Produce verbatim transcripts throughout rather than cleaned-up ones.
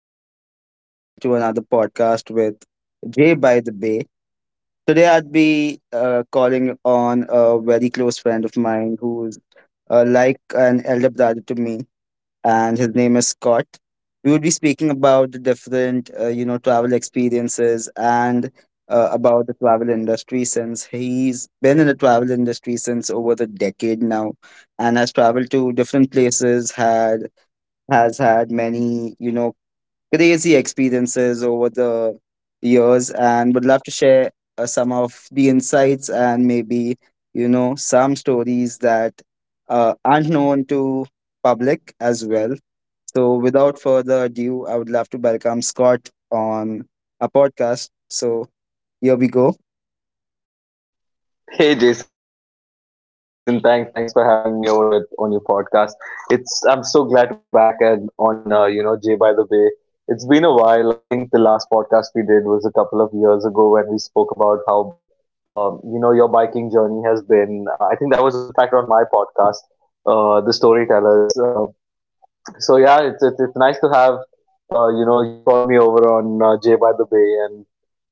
I'd love to welcome you all to another podcast with Jay by the Bay. Today, I'd be uh, calling on a very close friend of mine who's uh, like an elder brother to me, and his name is Scott. We would be speaking about the different, uh, you know, travel experiences, and uh, about the travel industry since he's been in the travel industry since over the decade now and has traveled to different places, had has had many, you know, crazy experiences over the years, and would love to share uh, some of the insights and maybe, you know, some stories that uh, aren't known to public as well. So without further ado, I would love to welcome Scott on a podcast. So here we go. Hey Jason, thanks thanks for having me over your, on your podcast. It's I'm so glad to be back and on uh, you know, Jay by the Bay. It's been a while. I think the last podcast we did was a couple of years ago when we spoke about how um, you know, your biking journey has been. Uh, I think that was in fact on my podcast, uh, the Storytellers. Uh, so yeah, it's, it's it's nice to have uh, you know, you call me over on uh, Jay by the Bay, and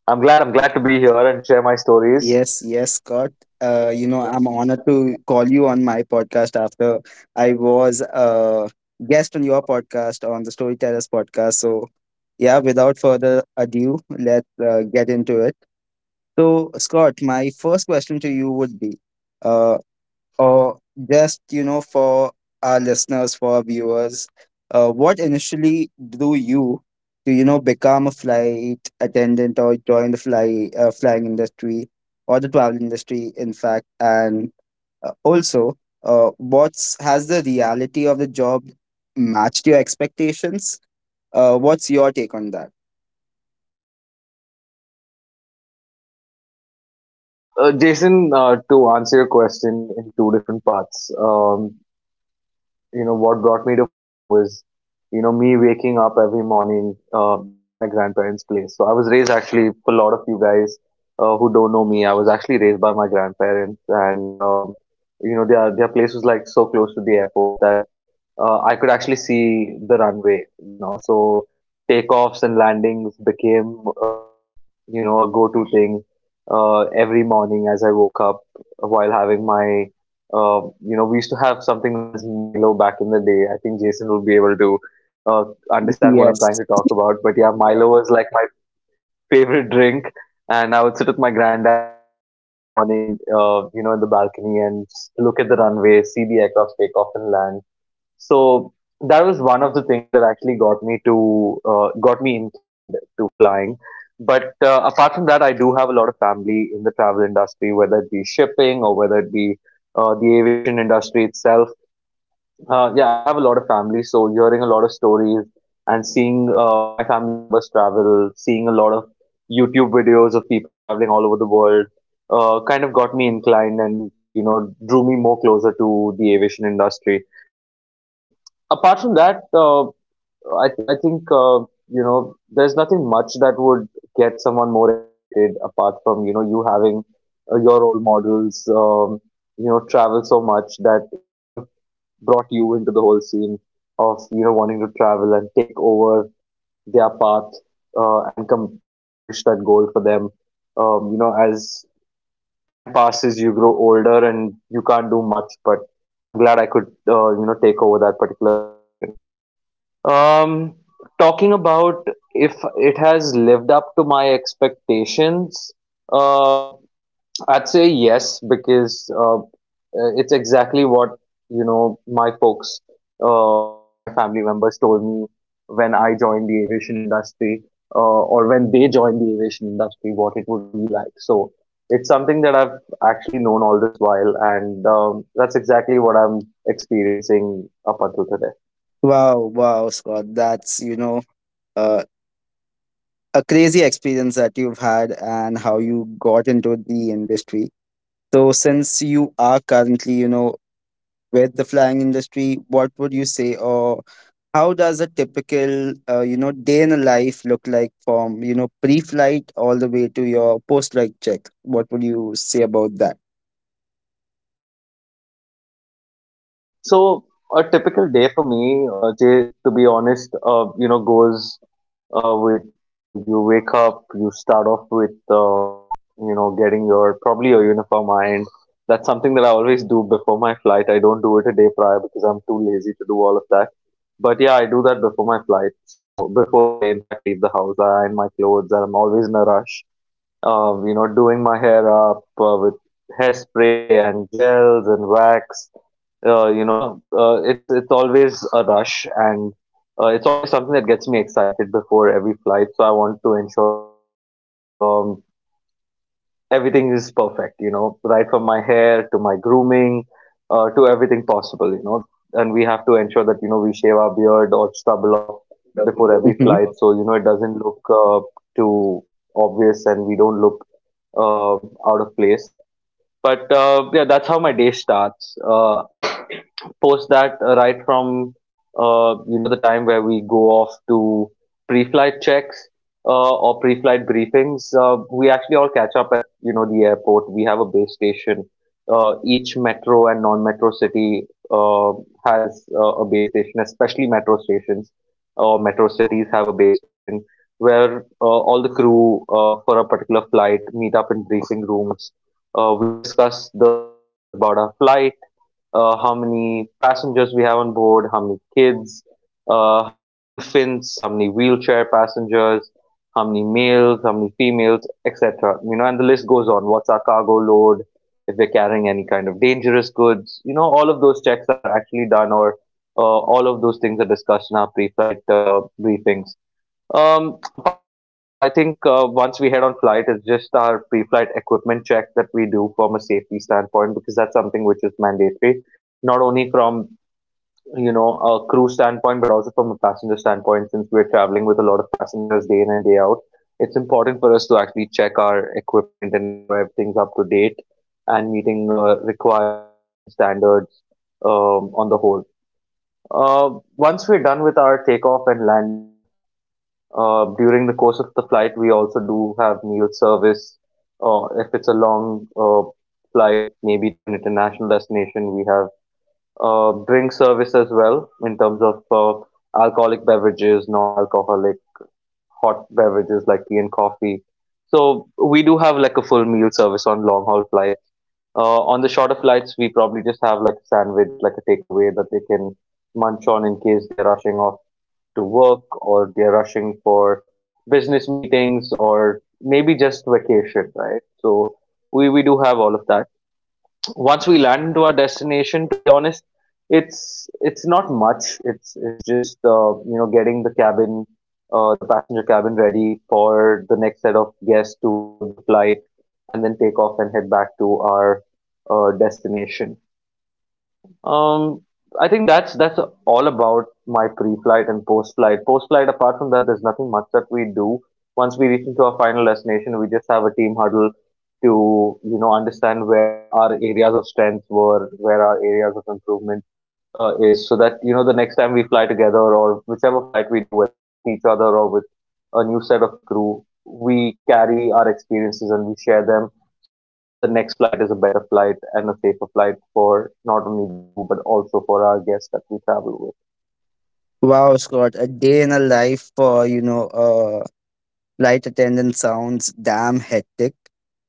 I'm glad I'm glad to be here and share my stories. Yes, yes, Scott. Uh, you know, I'm honored to call you on my podcast after I was a guest on your podcast, on the Storytellers podcast. So, yeah, without further ado, let's uh, get into it. So, Scott, my first question to you would be, uh, or just you know for our listeners, for our viewers, uh, what initially drew you to you know become a flight attendant or join the fly uh, flying industry or the travel industry in fact, and uh, also, uh, what's has the reality of the job matched your expectations? Uh, what's your take on that? So, uh, Jason, uh, to answer your question in two different parts, um, you know, what brought me to flying was, you know, me waking up every morning, uh, you know, at my grandparents' place. So I was raised actually, for a lot of you guys uh, who don't know me, I was actually raised by my grandparents, and um, you know, their their place was like so close to the airport that uh, I could actually see the runway, you know. So takeoffs and landings became, um you know, a go-to thing uh, every morning as I woke up while having my, um you know, we used to have something known as Milo back in the day. I think Jason will be able to uh, understand what I'm trying Yes. to talk about. But yeah, Milo was like my favorite drink. And I would sit with my granddad uh, in the morning, uh, you know, in the balcony and just look at the runway, see the aircraft take off and land. So that was one of the things that actually got me to uh, got me inclined to flying. But uh, apart from that, I do have a lot of family in the travel industry, whether it be shipping or whether it be uh, the aviation industry itself. Uh, yeah, I have a lot of family, so hearing a lot of stories and seeing uh, my family members travel, seeing a lot of YouTube videos of people traveling all over the world, uh, kind of got me inclined and you know, drew me more closer to the aviation industry. Um, apart from that, uh, I th- I think uh, you know, there's nothing much that would get someone more excited apart from you know, you having uh, your role models um, you know, travel so much that it kind of brought you into the whole scene of you know, wanting to travel and take over their path, uh, and com- accomplish that goal for them. Um, you know, as time passes, you grow older, and you can't do much. But I'm glad I could, uh, you know, take over that particular situation. Um, talking about if it has lived up to my expectations, um, I'd say yes, because uh, uh, it's exactly what you know, my folks uh, or my family members told me when I joined the aviation industry, uh, or when they joined the aviation industry, what it would be like. So it's something that I've actually known all this while, and um, that's exactly what I'm experiencing up until today. Wow, wow, Scott, that's you know uh. a crazy experience that you've had, and how you got into the industry. So, since you are currently, you know, with the flying industry, what would you say, or how does a typical, uh, you know, day in a life look like, from, you know, pre flight all the way to your post flight check? What would you say about that? So a typical day for me, uh, Jay, to be honest, uh, you know, goes uh, with you know, you wake up, you start off with uh, you know, getting your probably your uniform ironed. That's something that I always do before my flight. I don't do it a day prior because I'm too lazy to do all of that. But yeah, I do that before my flight. So before I in fact leave the house, I iron my clothes, and I'm always in a rush. Um, you know, doing my hair up uh, with hairspray and gels and wax, uh, you know uh, it's it's always a rush, and uh, it's always something that gets me excited before every flight. So I want to ensure that you know, um, everything is perfect, you know, right from my hair to my grooming, uh, to everything possible, you know. And we have to ensure that you know, we shave our beard or stubble off So, before every flight, Mhm. so you know, it doesn't look uh, too obvious and we don't look um, out of place. But uh, yeah, that's how my day starts. Uh, post that, uh, right from uh, you know, the time where we go off to pre-flight checks uh, or pre-flight briefings, uh, we actually all catch up at you know, the airport. We have a base station. Uh, each metro and non-metro city uh, has uh, a base station, especially metro stations or metro cities have a base station where uh, all the crew uh, for a particular flight meet up in briefing rooms. Uh, we discuss the details about our flight, uh, how many passengers we have on board, how many kids, uh, how many infants, how many wheelchair passengers, how many males, how many females, et cetera. You know, and the list goes on. What's our cargo load? If we're carrying any kind of dangerous goods, you know, all of those checks are actually done, or uh, all of those things are discussed in our pre-flight uh, briefings. Um, apart from that, I think uh, once we head on flight, it's just our pre-flight equipment check that we do from a safety standpoint, because that's something which is mandatory, not only from you know, a crew standpoint but also from a passenger standpoint. Since we're traveling with a lot of passengers day in and day out, it's important for us to actually check our equipment and ensure everything's up to date and meeting uh, required aviation standards um, on the whole. Uh, once we're done with our takeoff and landing uh, during the course of the flight, we also do have meal service. Uh, if it's a long uh, flight, maybe to an international destination, we have uh, drink service as well in terms of uh, alcoholic beverages, non-alcoholic hot beverages like tea and coffee. So we do have like a full meal service on long haul flights. Uh, on the shorter flights, we probably just have like a sandwich, like a takeaway that they can munch on in case they're rushing off to work or they're rushing for business meetings or maybe just vacation, right? So we, we do have all of that. Once we land into our destination, to be honest, it's it's not much. It's it's just uh, you know, getting the cabin, uh, the passenger cabin ready for the next set of guests to board the flight and then take off and head back to our uh, destination. Um, I think that's that's all about my pre-flight and post-flight. Post-flight, apart from that, there's nothing much that we do. Once we reach into our final destination, we just have a team huddle to you know, understand where our areas of strength were, where our areas of improvement uh, is, so that you know, the next time we fly together or whichever flight we do, whether it's with each other or with a new set of crew, we carry our experiences and we share them so that the next flight is a better flight and a safer flight for not only the crew but also for our guests that we travel with. Wow, Scott, a day in a life for, you know, uh, flight attendant sounds damn hectic.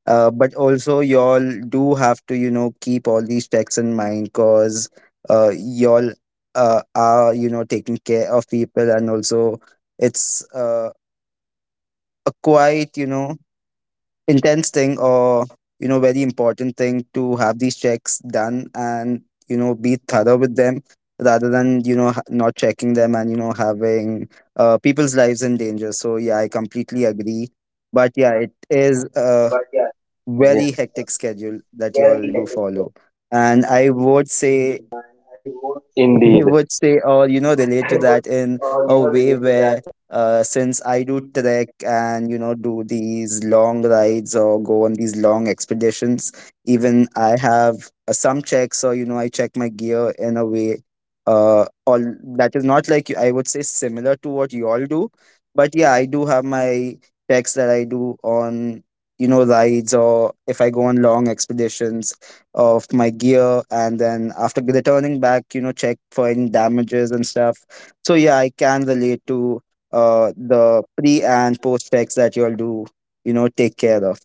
Uh, but also, y'all do have to, you know, keep all these checks in mind, because uh, y'all uh, are, you know, taking care of people, and also it's uh, a quite, you know, intense thing, or you know very important thing to have these checks done and you know be thorough with them, rather than you know ha- not checking them and you know having uh, people's lives in danger. So yeah, I completely agree. But yeah, it is a Yeah, very hectic schedule that you all do follow, and I would say, I indeed. would say, or you know, relate to that in a way where, uh, since I do trek and you know do these long rides or go on these long expeditions, even I have uh, some checks, or you know I check my gear in a way. Uh, all that is not like you- I would say similar to what you all do, but yeah, I do have my checks that I do on you know rides, or if I go on long expeditions, of my gear, and then after returning back, you know check for any damages and stuff. So yeah, I can relate to uh the pre and post checks that you'll do, you know take care of.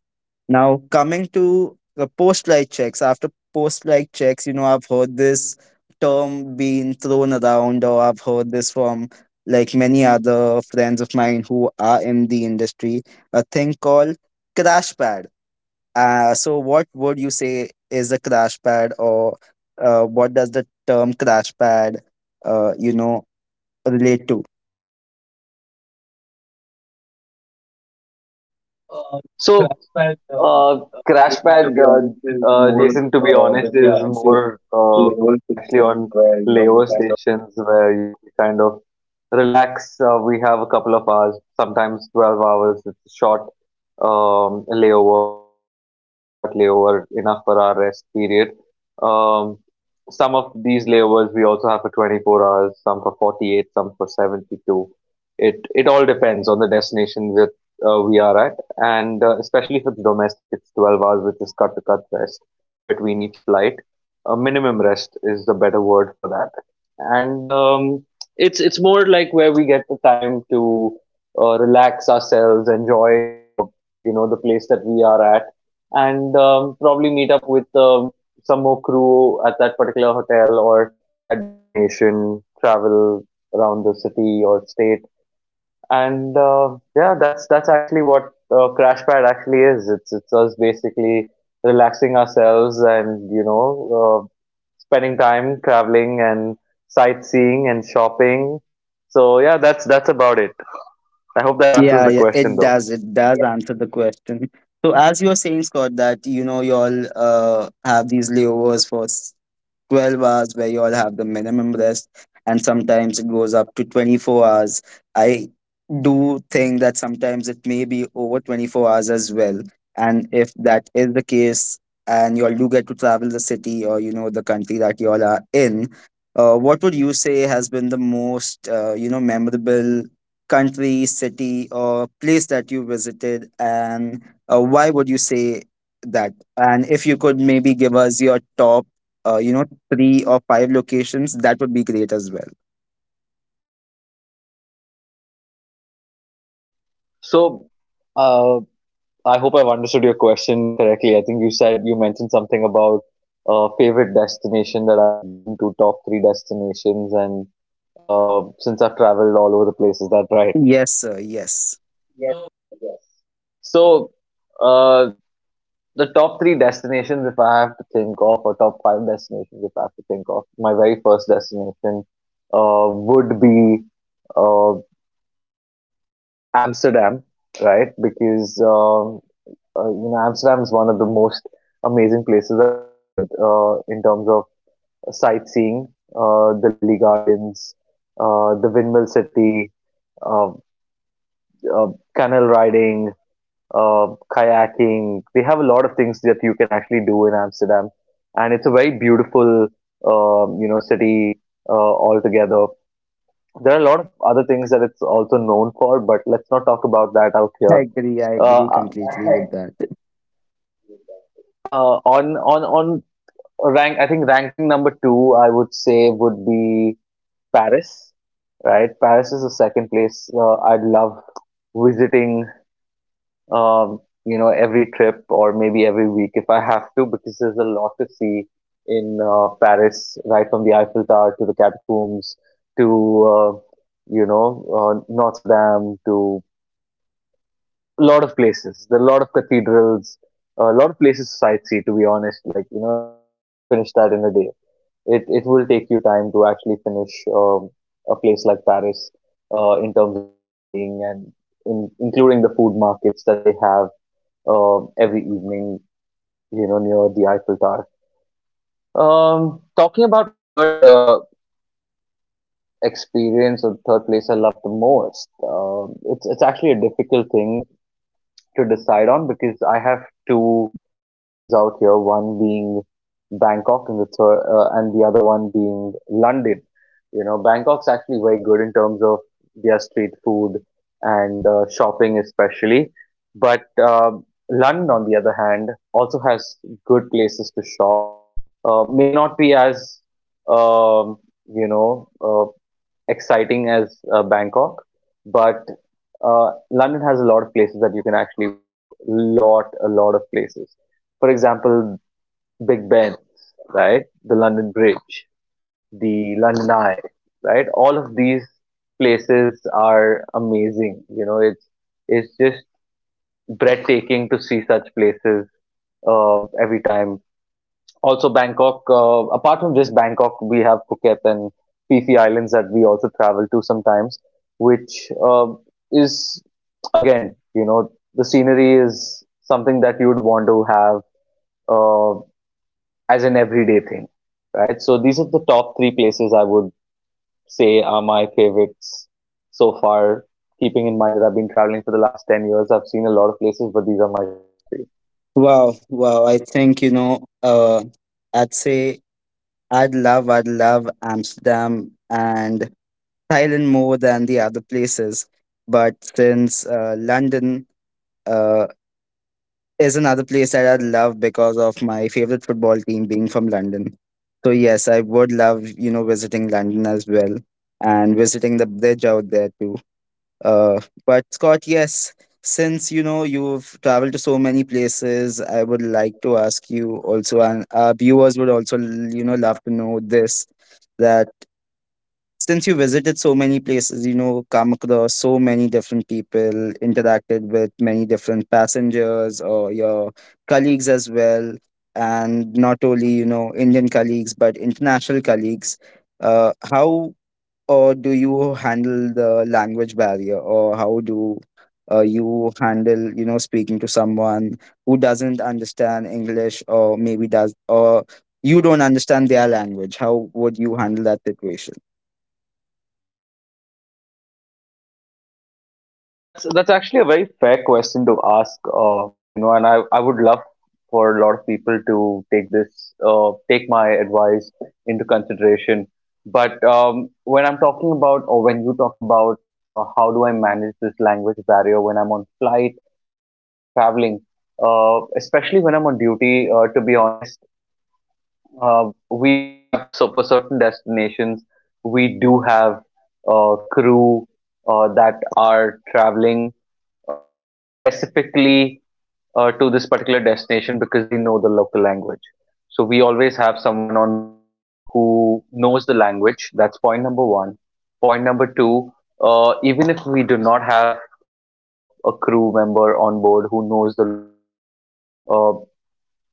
Now coming to the post light checks. After post light checks, you know I've heard this term being thrown around, or I've heard this from like many other friends of mine who are in the industry, a thing called crash pads. Uh, so, what would you say is a crash pad, or uh, what does the term crash pad, uh, you know, relate to? So, uh, So crash pad, uh, Uh, uh, liquid, Crashpad, to be uh, honest, is uh, more Jason, to uh, be honest, when we is are actually more on uh, when level we are actually on system where, you know, we layover kind of. stations where you know, we kind of relax. Uh, we have a couple of hours, sometimes twelve hours. It's a short um, layover, like just a cut to cut layover, enough for our rest period. Um, some of these layovers we also have for twenty-four hours, some for forty-eight, some for seventy-two. It it all depends on the destination that uh, we are at. And uh, especially if it's domestic, it's twelve hours, which is cut to cut rest between each flight. A minimum rest is the better word for that, and um, it's it's more like where we get the time to uh, relax ourselves, enjoy uh, you know, the place that we are at, and um, probably meet up with um, some more crew at that particular hotel or that destination, travel around the city or state. And uh, yeah, that's that's actually what uh, Crash Pad actually is. It's it's us basically relaxing ourselves and you know, uh, spending time traveling and sightseeing and shopping. So yeah, that's that's about it. I hope that answers Yeah, the yeah, question it though. does. It does answer the question. So, as you were saying, Scott, that you know you all uh, have these layovers for s- twelve hours, where you all have the minimum rest, and sometimes it goes up to twenty-four hours. I do think that sometimes it may be over twenty-four hours as well, and if that is the case, and you all do get to travel the city, or you know the country that you all are in, uh, what would you say has been the most uh, you know memorable country, city, or place that you visited, and uh, why would you say that? And if you could maybe give us your top uh, you know, three or five locations, that would be great as well. So uh, I hope I've understood your question correctly. I think you said you mentioned something about uh, favorite destination that I've been to, top three destinations, and uh, since I've traveled all over the place. Is that right? Yes, sir. Yes. Yes, sir. Yes. So, uh, the top three destinations, if I have to think of, or top five destinations, if I have to think of, my very first destination uh, would be uh, Amsterdam, right? Because um, uh, you know Amsterdam is one of the most amazing places I've visited uh, in terms of sightseeing, uh, the Lily Gardens, uh, the Windmill City, uh, uh, canal riding, uh, kayaking. They have a lot of things that you can actually do in Amsterdam, and it's a very beautiful, um, you know, city uh, altogether. There are a lot of other things that it's also known for, but let's not talk about that out I here. agree. I agree Uh, completely with that. uh, on on on rank, I think ranking number two, I would say would be Paris. Right, Paris is the second place uh, I'd love visiting um, you know, every trip or maybe every week if I have to, because there's a lot to see in uh, Paris, right from the Eiffel Tower to the catacombs to, uh, you know, uh, Notre Dame to a lot of places. There are a lot of cathedrals, a lot of places to sightsee, to be honest. Like, you know, you, you can't finish that in a day. It, it will take you time to actually finish um, a place like Paris uh, in terms of sightseeing and in, including the food markets that they have um every evening, you know, near the Eiffel Tower. Um, talking about my third uh, experience or third place I love the most, um, it's it's actually a difficult thing to decide on because I have two options out here. One being Bangkok, and the third, uh, and the other one being London. You know, Bangkok's actually very good in terms of their street food and uh, shopping, especially. But um, London, on the other hand, also has good places to shop. Uh, may not be as um, you know uh, exciting as uh, Bangkok, but uh, London has a lot of places that you can actually visit. Lot, a lot of places. For example, Big Ben, right? The London Bridge, the London Eye, right? All of these places are amazing. You know, it's it's just breathtaking to see such places uh, every time also Bangkok, uh, apart from just Bangkok, we have Phuket and Phi Phi Islands that we also travel to sometimes, which uh, is, again, you know, the scenery is something that you would want to have uh, as an everyday thing, right? So these are the top three places I would say are my favorites so far. Keeping in mind that I've been traveling for the last ten years, I've seen a lot of places, but these are my top three. Wow. Wow. I think, you know, uh, I'd say, I'd love, I'd love, Amsterdam and Thailand more than the other places. But since uh, London, uh, is another place that I love because of my favorite football team being from London. So yes, I would love you know visiting London as well and visiting the bridge out there too. Uh, but Scott, yes, since you know you've traveled to so many places, I would like to ask you also, and our viewers would also you know love to know this. That. Since you visited so many places, you know, come across so many different people, interacted with many different passengers or your colleagues as well, and not only, you know, Indian colleagues, but international colleagues, uh, how or do you handle the language barrier, or how do uh, you handle, you know, speaking to someone who doesn't understand English or maybe does, or you don't understand their language? How would you handle that situation? That's that's actually a very fair question to ask. Uh, you know, and I I would love for a lot of people to take this uh, take my advice into consideration. But um, when I'm talking about or when you talk about uh, how do I manage this language barrier when I'm on flight or while I'm traveling, uh, especially when I'm on duty, uh, to be honest, uh, we do have so for certain destinations, we do have uh, crew uh, that are traveling uh, specifically uh, to this particular destination because they know the local language. So we always have someone on board who knows the language. That's point number one. Point number two, uh, even if we do not have uh, a crew member on board who knows the local language, uh,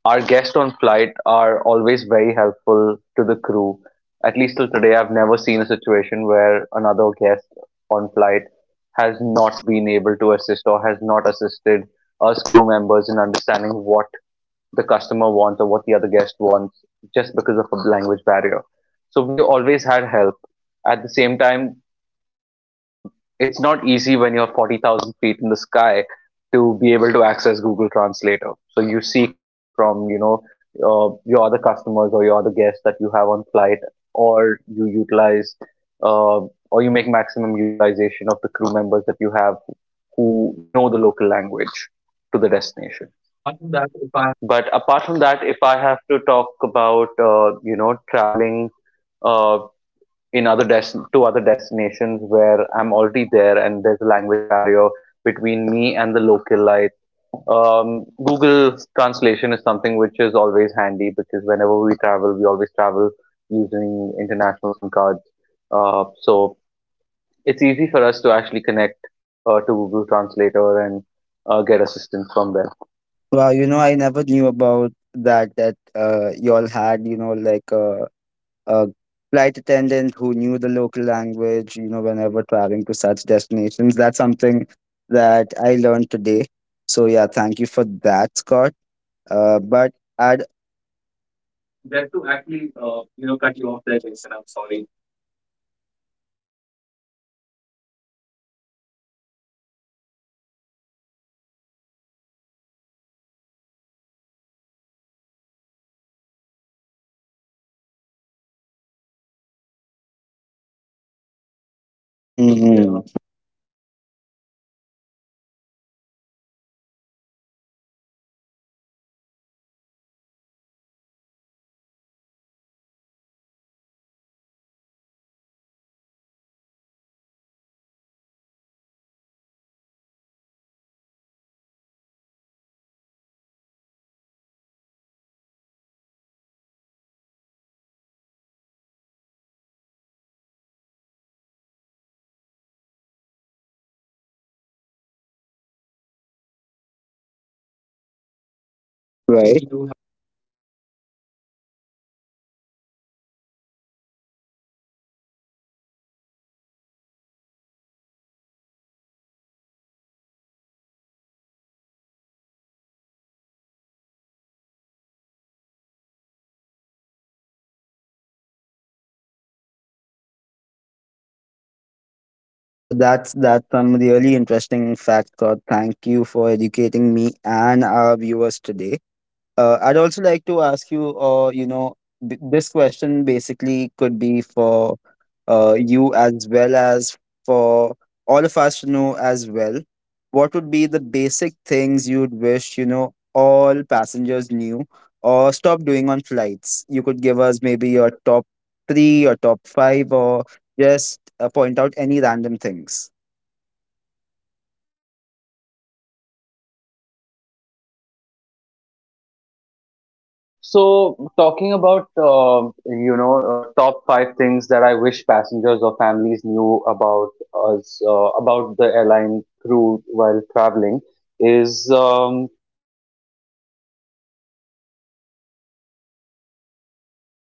our guests on flight are always very helpful to the crew. At least till today, I've never seen a situation where another guest on flight has not been able to assist or has not assisted us crew members in understanding what the customer wants or what the other guest wants just because of a language barrier. So we always had help. At the same time, um, it's not easy when you're forty thousand feet in the sky to be able to access Google Translator. So you seek help from, you know, uh, your other customers or your other guests that you have on flight, or you utilize, uh, or you make maximum utilization of the crew members that you have who know the local language to the destination. But apart from that, if I have to talk about, uh, you know, traveling uh, in other des- to other destinations where I'm already there and there's a language barrier between me and the localite. Um, Google translation is something which is always handy because whenever we travel, we always travel using international SIM cards. Uh, so it's easy for us to actually connect uh, to Google Translator and uh, get assistance from there. Wow, you know, I never knew about that. That uh, y'all had, you know, like a, a flight attendant who knew the local language. You know, whenever traveling to such destinations, that's something that I learned today. So yeah, thank you for that, Scott. Uh, but I'd mm, right. So that's that's some really interesting fact, Scott. Thank you for educating me and our viewers today. Uh, I'd also like to ask you, uh, you know, th- this question basically could be for uh, you as well as for all of us to know as well. What would be the basic things you'd wish, you know, all passengers knew or stop doing on flights? You could give us maybe your top three or top five, or just uh, point out any random things. So, talking about uh, you know uh, top five things that I wish passengers or families knew about us uh, about the airline crew while traveling is um,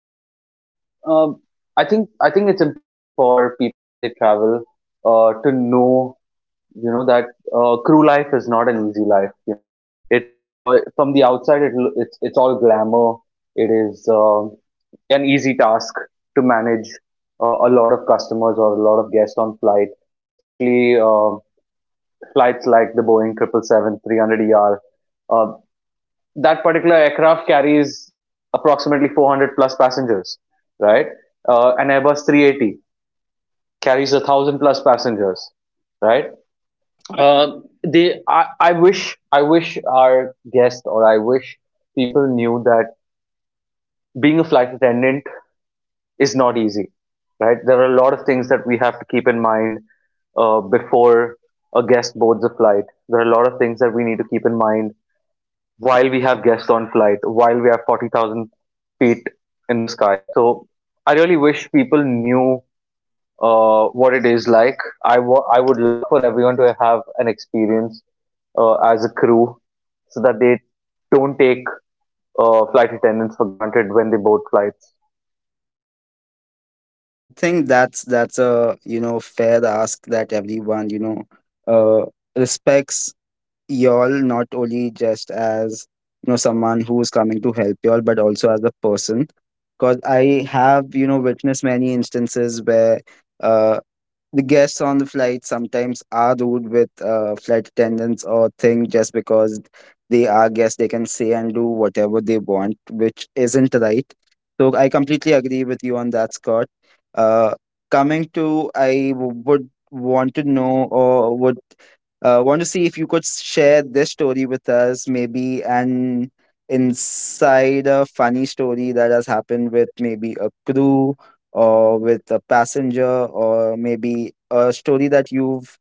so um, I think I think it's important for people when they travel uh, to know you know that uh, crew life is not an easy life. You know it it's all, from the outside it loo- it's it's all glamour. It is. Um an easy task to manage uh, a lot of customers or a lot of guests on flight, especially uh, flights like the Boeing seven hundred seventy-seven-three hundred E R. Uh, that particular aircraft carries approximately four hundred plus passengers, right? Uh, an Airbus three eighty carries a thousand plus passengers, right? Uh, they, I, I wish, I wish our guests or I wish people knew that being a flight attendant is not easy, right? There are a lot of things that we have to keep in mind uh, before a guest boards a flight. There are a lot of things that we need to keep in mind while we have guests on flight, while we have forty thousand feet in the sky. So I really wish people knew uh, what it is like. I wa- I would love for everyone to have an experience uh, as a crew so that they don't take uh, flight attendants for granted when they board flights. Yeah, I think that's that's a you know fair ask, that everyone you know uh, respects y'all, not only just as you know someone who's coming to help y'all, but also as a person. Because I have you know witnessed many instances where uh, the guests on the flight sometimes are rude with uh, flight attendants or thing, just because they are guests, they can say and do whatever they want, which isn't right. So I completely agree with you on that, Scott. uh, Coming to, I w- would want to know, or would uh, want to see if you could share this story with us, maybe an inside, a funny story that has happened with maybe a crew or with a passenger, or maybe a story that you've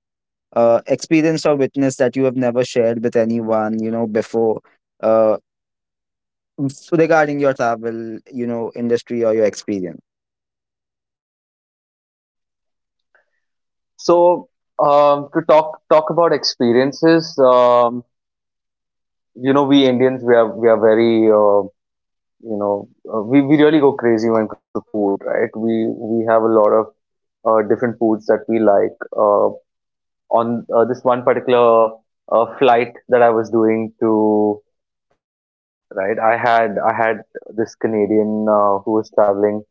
uh, experienced or witnessed that you have never shared with anyone you know before, uh, s- regarding your travel you know industry or your experience. So, um, to talk talk about experiences, um, you know, we Indians we are we are very uh, you know uh, we we really go crazy when it comes to food, right? We we have a lot of uh, different foods that we like. Uh, on uh, this one particular uh, flight that I was doing to Paris, right? I had I had this Canadian uh, who was traveling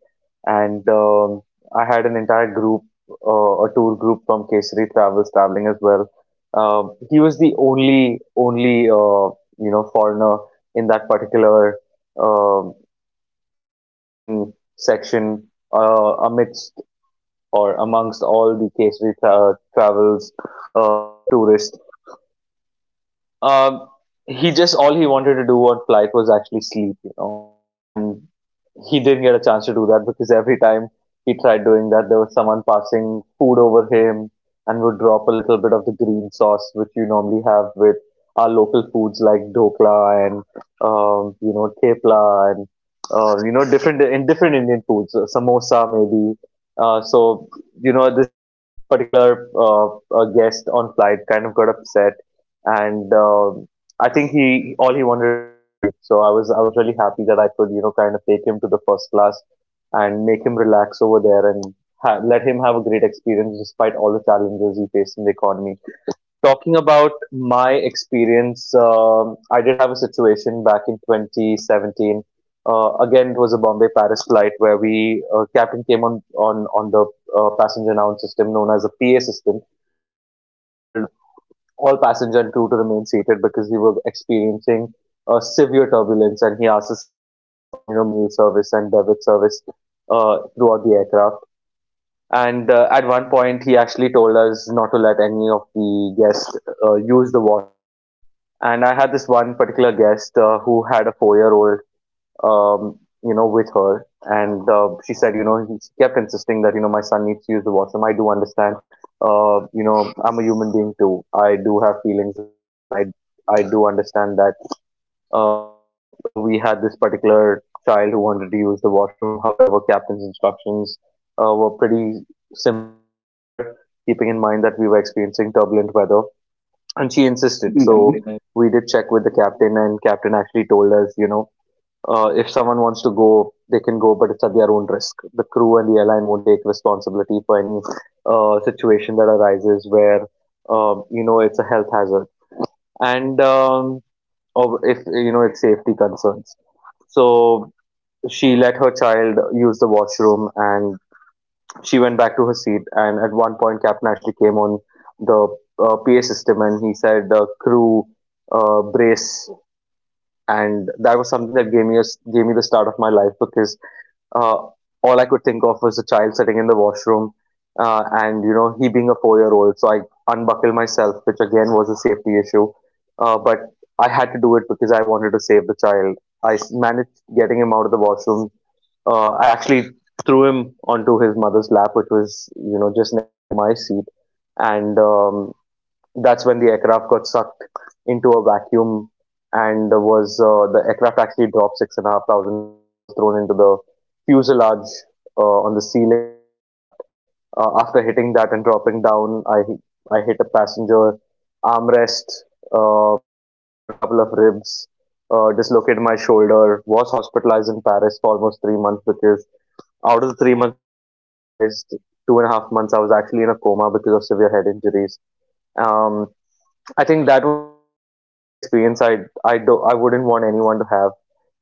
and um, I had an entire group, uh, a tour group from Kesari Travels traveling as well. Um, he was the only only uh, you know foreigner in that particular um economy section uh, amidst or amongst all the Kesari tra- Travels uh, tourists um, he just all he wanted to do on flight was actually sleep, you know, and he didn't get a chance to do that because every time he tried doing that, there was someone passing food over him and would drop a little bit of the green sauce which you normally have with our local foods like dokla and um, you know tepla and uh, you know different in different Indian foods, uh, samosa maybe. Uh, so you know this this particular uh, uh, guest on flight kind of got upset and um, I think he all he wanted to do was sleep. So I was I was really happy that I could you know kind of take him to the first class and make him relax over there and ha- let him have a great experience despite all the challenges he faced in the economy. Talking about my experience, um, I did have a situation back in twenty seventeen. Uh, again, it was a Bombay Paris flight where we uh, captain came on on on the uh, passenger noun system known as a P A system uh, and told all passenger and crew to remain seated because we were experiencing uh, severe turbulence, and he asked us to stop, uh, you know, meal service and beverage service uh, throughout the aircraft. And uh, at one point, he actually told us not to let any of the guests uh, use the washrooms. And I had this one particular guest uh, who had a four-year-old um, you know, with her. And uh, she said, you know, he- she kept insisting that, you know, my son needs to use the washroom. I do understand. Uh, you know, I'm a human being too. I do have feelings as well. And I, I do understand that, uh, you know, uh, we had this particular child who wanted to use the washroom. However, captain's instructions uh, were pretty simple, pretty clear, keeping in mind that we were experiencing turbulent weather. And she insisted. So Mhm. we did check with the captain, and captain actually told us, you know, uh, if someone wants to go, they can go, but it's at their own risk. The crew and the airline won't take responsibility for any uh, situation that arises where um, you know it's a health hazard and um, or if you know it's safety concerns. So she let her child use the washroom and she went back to her seat. And at one point, Captain actually came on the uh, P A system and he said, uh, "Crew, uh, brace." And that was something that gave me a, gave me the start of my life because uh, all I could think of was a child sitting in the washroom, uh, and you know he being a four-year-old. So I unbuckled myself, which again was a safety issue, uh, but I had to do it because I wanted to save the child. I s- managed getting him out of the washroom. Uh, I actually threw him onto his mother's lap, which was you know just next to my seat, and um, that's when the aircraft got sucked into a vacuum and was uh, the aircraft actually dropped six and a half thousand feet, and I was thrown into the fuselage uh, on the ceiling of the aircraft. Uh, after hitting that and dropping down, i i hit a passenger armrest, uh, fractured a couple of ribs, uh, dislocated my shoulder, was hospitalized in Paris for almost three months, because out of the three months that I was hospitalized, two and a half months I was actually in a coma because of severe head injuries. um, I think that was um, an experience I I do I wouldn't want anyone to have,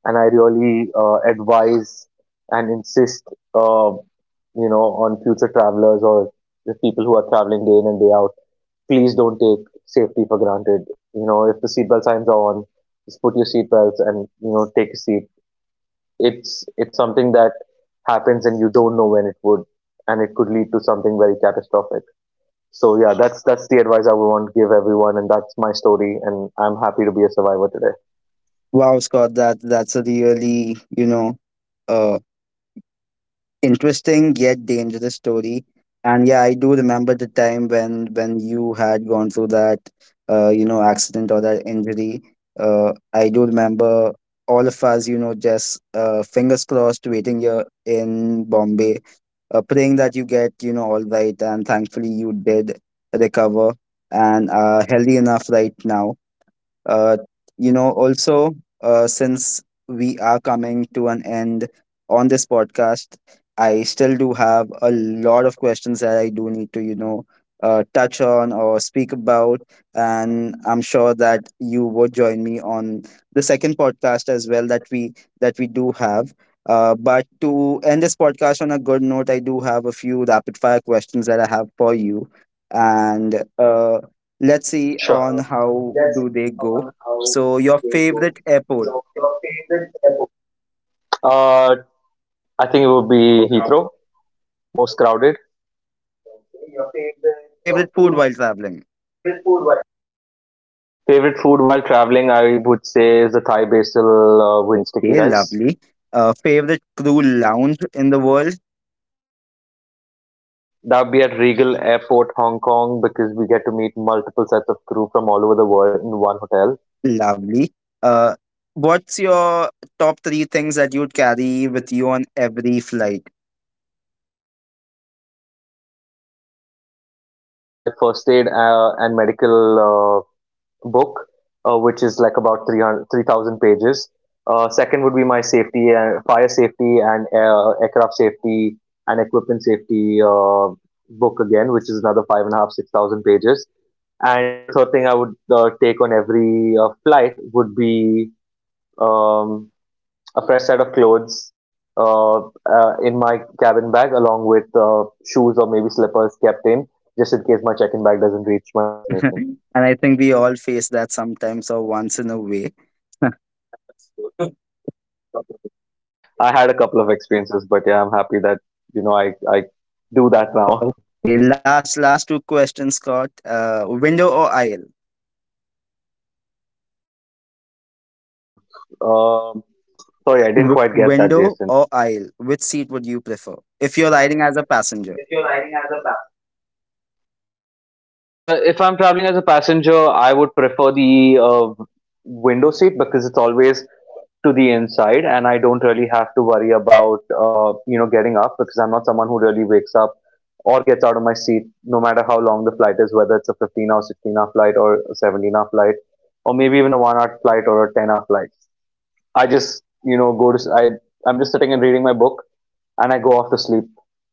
and I really uh, advise and insist, uh, you know, on future travelers or the people who are traveling day in and day out. Please don't take safety for granted. You know, if the seatbelt signs are on, just put your seatbelts and you know take a seat. It's it's something that happens and you don't know when it would, and it could lead to something very catastrophic. So yeah, that's that's the advice I would want to give everyone, and that's my story, and I'm happy to be a survivor today. Wow, Scott, that that's a really, you know uh, interesting yet dangerous story. And yeah, I do remember the time when when you had gone through that uh, you know accident or that injury. uh, I do remember all of us, you know just uh, fingers crossed, waiting here in Bombay, uh, praying that you get, you know all right. And thankfully you did recover and are healthy enough right now. Uh, you know also uh, since we are coming to an end on this podcast, I still do have a lot of questions that I do need to, you know uh, touch on or speak about, and I'm sure that you would join me on the second podcast as well that we that we do have. Uh, but to end this podcast on a good note, I do have a few rapid fire questions that I have for you. And uh, let's see on how do they go. So, your favorite airport. Uh, I think it would be So, Heathrow, most crowded. favorite food while traveling. Favorite food while traveling, I would say, is the Thai basil uh, with sticky Okay, rice. lovely. Uh, favorite crew lounge in the world. That would be at Regal Airport, Hong Kong, because we get to meet multiple sets of crew from all over the world in one hotel. Lovely. Uh, what's your top three things that you'd carry with you on every flight? Uh, that would be my first aid uh, and medical uh, book, uh, which is like about three hundred, three thousand pages. Uh, second would be my safety and fire safety and uh, aircraft safety and equipment safety uh, book again, which is another five and a half, six thousand pages. And the third thing I would uh, take on every uh, flight would be um, a fresh set of clothes, uh, uh, in my cabin bag, along with uh, shoes or maybe slippers kept in, just in case my check-in bag doesn't reach my destination. And I think we all face that sometimes, or once in a way. Yeah, that's true. I had a couple of experiences, but yeah, I'm happy that, you know, I, I do that now. Okay, last last two questions, Scott. Uh, window or aisle? Um, Sorry, I didn't W- quite get that, Window Jason. or aisle? Which seat would you prefer if you're riding as a passenger? Uh, if I'm traveling as a passenger, I would prefer the uh, window seat because it's always to the inside and I don't really have to worry about, uh, you know, getting up because I'm not someone who really wakes up or gets out of my seat no matter how long the flight is, whether it's a fifteen or sixteen hour flight or a seventeen hour flight or maybe even a one hour flight or a ten hour flight. I just you know go to s- I I'm just sitting and reading my book and I go off to sleep,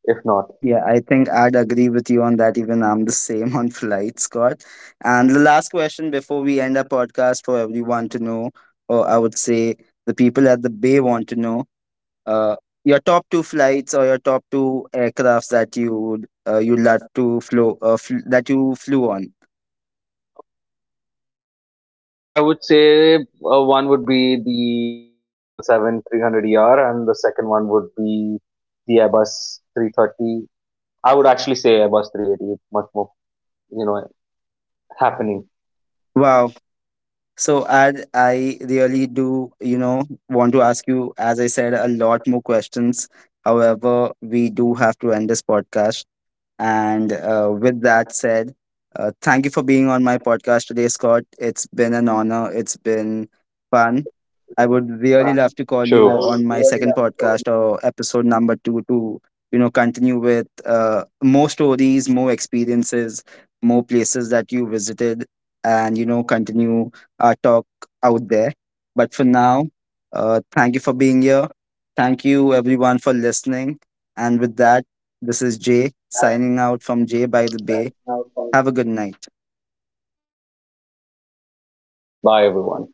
if not. Yeah, I think I'd agree with you on that. Even I'm the same on flights, Scott. And the last question, before we end our podcast, for everyone to know, or I would say, the people at the bay want to know, uh, your top two flights, or your top two aircrafts that you would uh, you love to flow uh, fl- that you flew on. Uh, I would say uh, one would be the Boeing seven seventy-seven-three hundred E R and the second one would be the Airbus three thirty. I would actually say Airbus three eighty. It's much more, you know, happening. Wow. So, as I really do, you know, want to ask you, as I said, a lot more questions. However, we do have to end this podcast. And uh, with that said, uh, thank you for being on my podcast today, Scott. It's been an honor. It's been fun. I would really love to call you True. on my second podcast, or episode number two, to, you know, continue with uh, more stories, more experiences, more places that you visited, and you know, continue uh, talk out there. But for now, uh, thank you for being here. Thank you, everyone, for listening. And with that, this is Jay signing out from Jay by the Bay. Have a good night. Thanks, Jason. Bye, everyone.